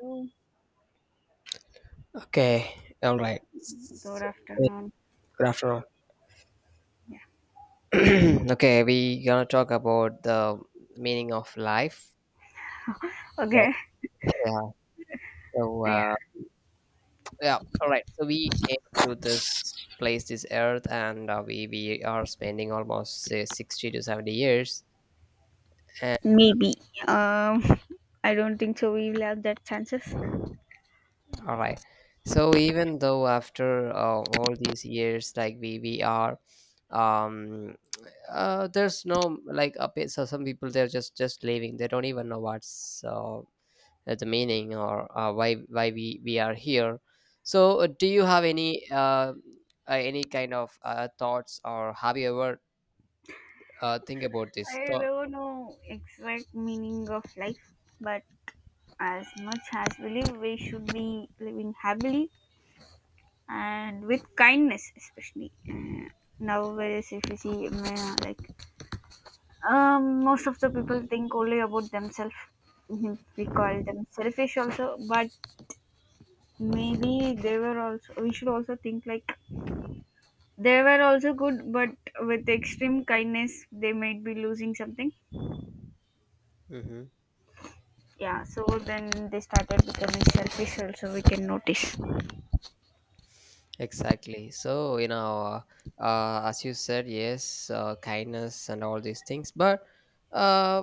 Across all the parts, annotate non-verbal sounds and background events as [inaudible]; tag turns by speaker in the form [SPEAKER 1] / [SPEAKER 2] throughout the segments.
[SPEAKER 1] You.
[SPEAKER 2] Okay, all right.
[SPEAKER 1] Good
[SPEAKER 2] So, hey,
[SPEAKER 1] afternoon.
[SPEAKER 2] good afternoon. [clears throat] okay, we gonna talk about the meaning of life, right?
[SPEAKER 1] Okay.
[SPEAKER 2] Yeah. So,
[SPEAKER 1] Yeah.
[SPEAKER 2] yeah. All right. So we came to this place, this earth, and we are spending almost say, 60 to 70 years. And
[SPEAKER 1] Maybe. Um. [laughs] I don't think so. We will have that chances.
[SPEAKER 2] all right. So even though after all these years, like we are, um, there's no like so some people they're just leaving. They don't even know what's the meaning or why we are here. So do you have any kind of thoughts, or have you ever think about this
[SPEAKER 1] I
[SPEAKER 2] thought?
[SPEAKER 1] don't know exact meaning of life, but as much as we live, we should be living happily and with kindness, especially. Now, whereas if you see, like most of the people think only about themselves. Mhm. We call them selfish also, but maybe they were also. We should also think like they were also good, but with extreme kindness, they might be losing something.
[SPEAKER 2] Hmm,
[SPEAKER 1] Yeah, so then they started becoming selfish, also, we can notice.
[SPEAKER 2] exactly. So you know, as you said, yes, kindness and all these things, but uh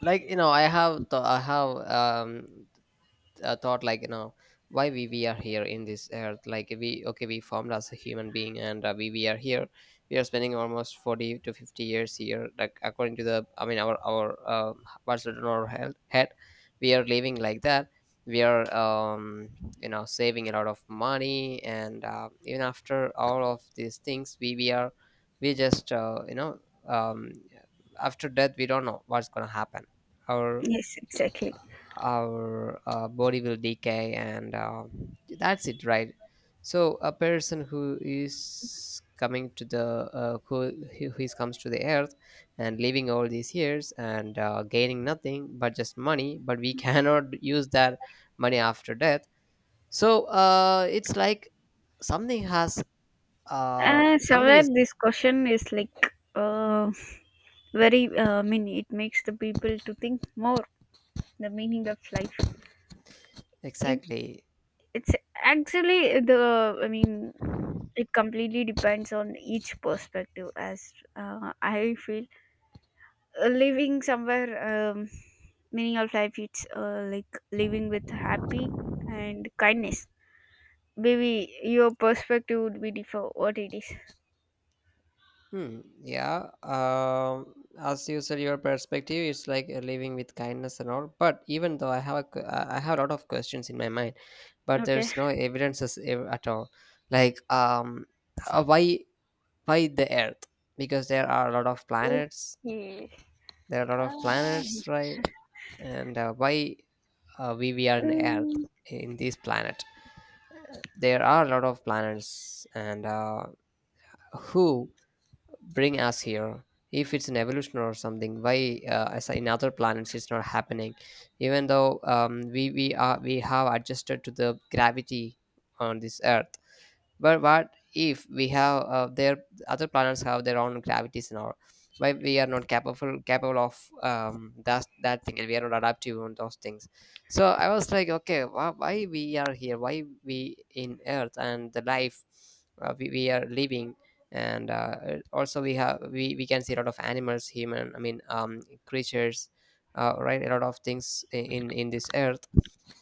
[SPEAKER 2] like you know, I have I have thought like you know, why we are here in this earth. Like we, okay, we formed as a human being, and we are here. We are spending almost 40 to 50 years here, like according to the, I mean, our what's written on our head, we are living like that. We are you know, saving a lot of money, and even after all of these things, we are, we just you know, um after death we don't know what's gonna happen. Our
[SPEAKER 1] Yes, exactly.
[SPEAKER 2] body will decay, and that's it, right? So a person who is coming to the who, who is comes to the earth, and living all these years, and gaining nothing but just money, but we [laughs] cannot use that money after death. So it's like something has, uh, something
[SPEAKER 1] Somewhere
[SPEAKER 2] is there,
[SPEAKER 1] this question is like very, I mean, it makes the people to think more the meaning of life. It,
[SPEAKER 2] exactly.
[SPEAKER 1] it's actually the, I mean, it completely depends on each perspective, as I feel living somewhere, meaning of life it's like living with happy and kindness, maybe your perspective would be different. What it is.
[SPEAKER 2] Hmm. Yeah. As usual, your perspective is like living with kindness and all. But even though, I have I have a lot of questions in my mind, but
[SPEAKER 1] Okay.
[SPEAKER 2] there's no evidences at all. Like, uh, why why the Earth? Because there are a lot of planets.
[SPEAKER 1] Okay.
[SPEAKER 2] There are a lot of
[SPEAKER 1] Uh,
[SPEAKER 2] planets, right? And why we are in Earth,
[SPEAKER 1] Mm.
[SPEAKER 2] in this planet? There are a lot of planets, and who bring us here, if it's an evolution or something? Why as in other planets it's not happening, even though we have adjusted to the gravity on this earth? But what if we have their, other planets have their own gravities and all? Why we are not capable of that thing, and we are not adaptive on those things? So I was like, okay, why we are here? Why we in Earth, and the life we are living? And also we have, we can see a lot of animals, human, I mean creatures, right? A lot of things in this Earth.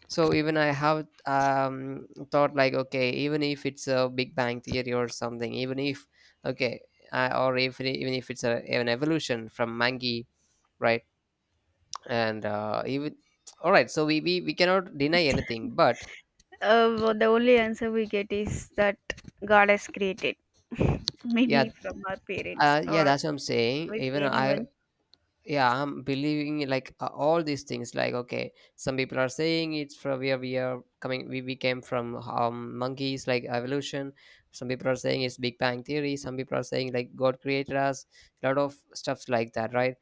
[SPEAKER 2] So even I have thought like, okay, even if it's a big bang theory or something, even if, okay, or if it- even if it's an evolution from monkey, right? And even, all right, so we cannot deny anything. But
[SPEAKER 1] Well, the only answer we get is that god has created [laughs] maybe
[SPEAKER 2] yeah,
[SPEAKER 1] from our parents
[SPEAKER 2] yeah,
[SPEAKER 1] or
[SPEAKER 2] that's what I'm saying.
[SPEAKER 1] with
[SPEAKER 2] Even I,
[SPEAKER 1] anyone.
[SPEAKER 2] yeah, I'm believing like all these things, like okay, some people are saying it's from where we are coming, we came from monkeys, like evolution. Some people are saying it's big bang theory, some people are saying like god created us, a lot of stuffs like that, right?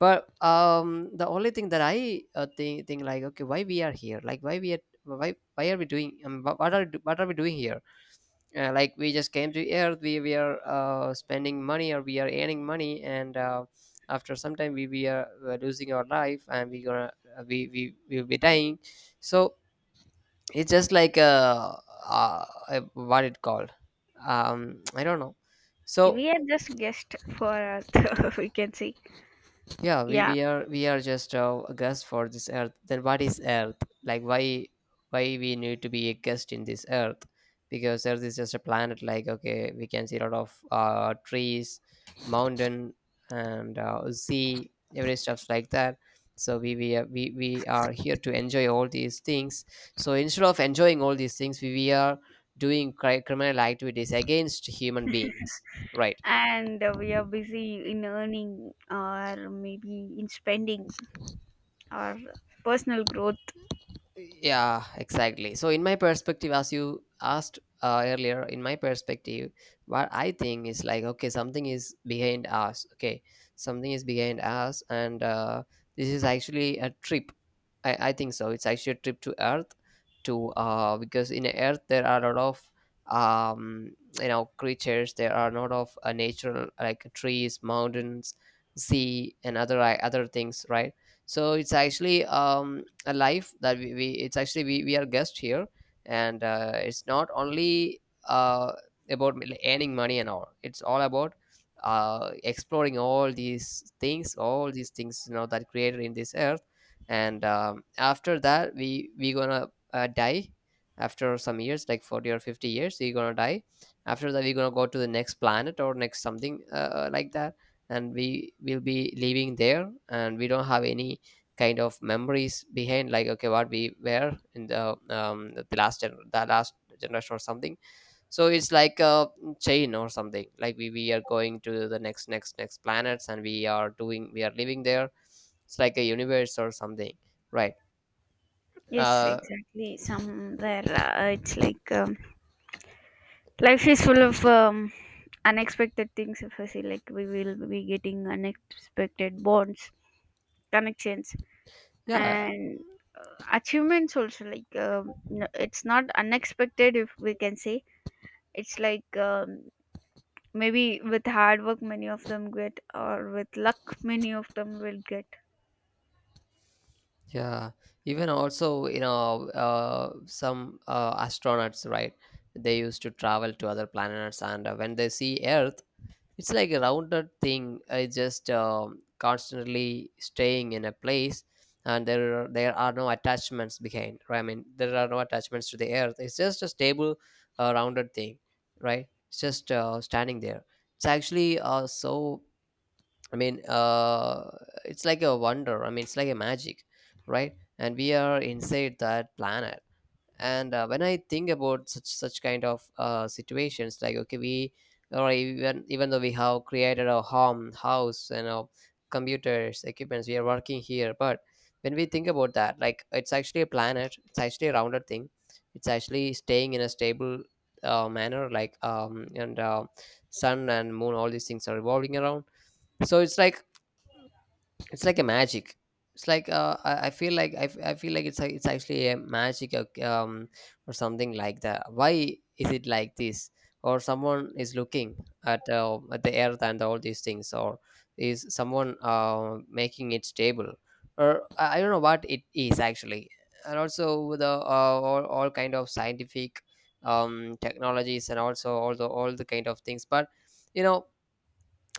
[SPEAKER 2] But the only thing that I think like, okay, why we are here? Like, why we are, why are we doing, what are we doing here? Like we just came to earth, we are spending money or we are earning money, and after some time we losing our life, and we gonna, we will be dying. So it's just like what it called, I don't know. So
[SPEAKER 1] We are just guest for earth [laughs] we can say.
[SPEAKER 2] yeah, we,
[SPEAKER 1] Yeah,
[SPEAKER 2] we are we are just a guest for this earth. Then what is earth? Like, why, we need to be a guest in this earth? Because earth is just a planet. Like okay, we can see a lot of trees, mountain, and sea, every stuffs like that. So we are here to enjoy all these things. So instead of enjoying all these things, we are doing criminal activities against human beings, right?
[SPEAKER 1] and we are busy in earning or maybe in spending or personal growth.
[SPEAKER 2] Yeah, exactly. So, in my perspective, as you asked earlier, in my perspective, what I think is like, okay, something is behind us. Okay, something is behind us, and this is actually a trip. I think so. It's actually a trip to Earth, to because in Earth there are a lot of um, you know, creatures. There are a lot of natural, like trees, mountains, sea, and other things, right? So it's actually a life that we it's actually, we are guests here, and it's not only uh, about earning money and all. It's all about exploring all these things, you know, that created in this earth. And after that, we gonna die. After some years like 40 or 50 years, we're gonna die. After that, we're gonna go to the next planet or next something, like that, and we will be living there, and we don't have any kind of memories behind. Like, okay, what we were in the the last generation or something. So it's like a chain or something, like we are going to the next planets, and we are doing, we are living there. It's like a universe or something, right?
[SPEAKER 1] Yes,
[SPEAKER 2] uh
[SPEAKER 1] exactly, somewhere it's like, life is full of, unexpected things if I say like we will be getting unexpected bonds, connections,
[SPEAKER 2] yeah,
[SPEAKER 1] and achievements also like, no, it's not unexpected if we can say. It's like, maybe with hard work many of them get or with luck many of them will get.
[SPEAKER 2] yeah, even also you know, some astronauts, right? They used to travel to other planets, and when they see earth, it's like a rounded thing. I just constantly staying in a place, and there are no attachments behind. Right? I mean, there are no attachments to the earth. It's just a stable, rounded thing, right? It's just standing there. It's actually so. I mean, it's like a wonder. I mean, it's like a magic, right? And we are inside that planet, and when I think about such kind of situations, like okay, we, or even though we have created a home, house, and our computers, equipments, we are working here. But when we think about that, like, it's actually a planet, it's actually a rounded thing, it's actually staying in a stable manner, like, and sun and moon, all these things are revolving around. So it's like, it's like a magic, it's like I feel like, I feel like it's it's actually a magic or something like that. Why is it like this? Or someone is looking at the earth and all these things, or is someone making it stable? Or I don't know what it is actually. And also the all kind of scientific um technologies, and also all the kind of things. But you know,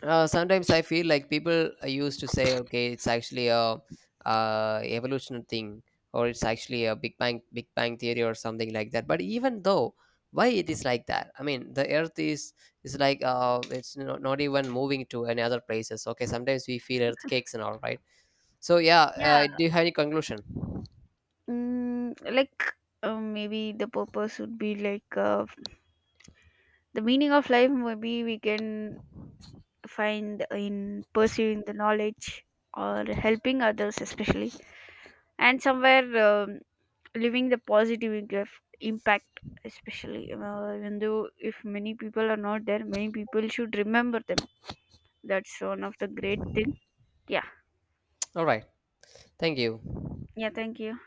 [SPEAKER 2] sometimes I feel like people used to say, okay, it's actually a evolutionary thing, or it's actually a Big Bang theory or something like that. But even though, why it is like that? I mean, the Earth is like it's not even moving to any other places. Okay, sometimes we feel earthquakes and all, right? So yeah,
[SPEAKER 1] Yeah,
[SPEAKER 2] do you have any conclusion?
[SPEAKER 1] mm, like maybe the purpose would be like, the meaning of life. Maybe we can find in pursuing the knowledge or helping others, especially, and somewhere leaving the positive impact, especially. Even though if many people are not there, many people should remember them. That's one of the great thing. Yeah,
[SPEAKER 2] All right, thank you.
[SPEAKER 1] yeah. Thank you.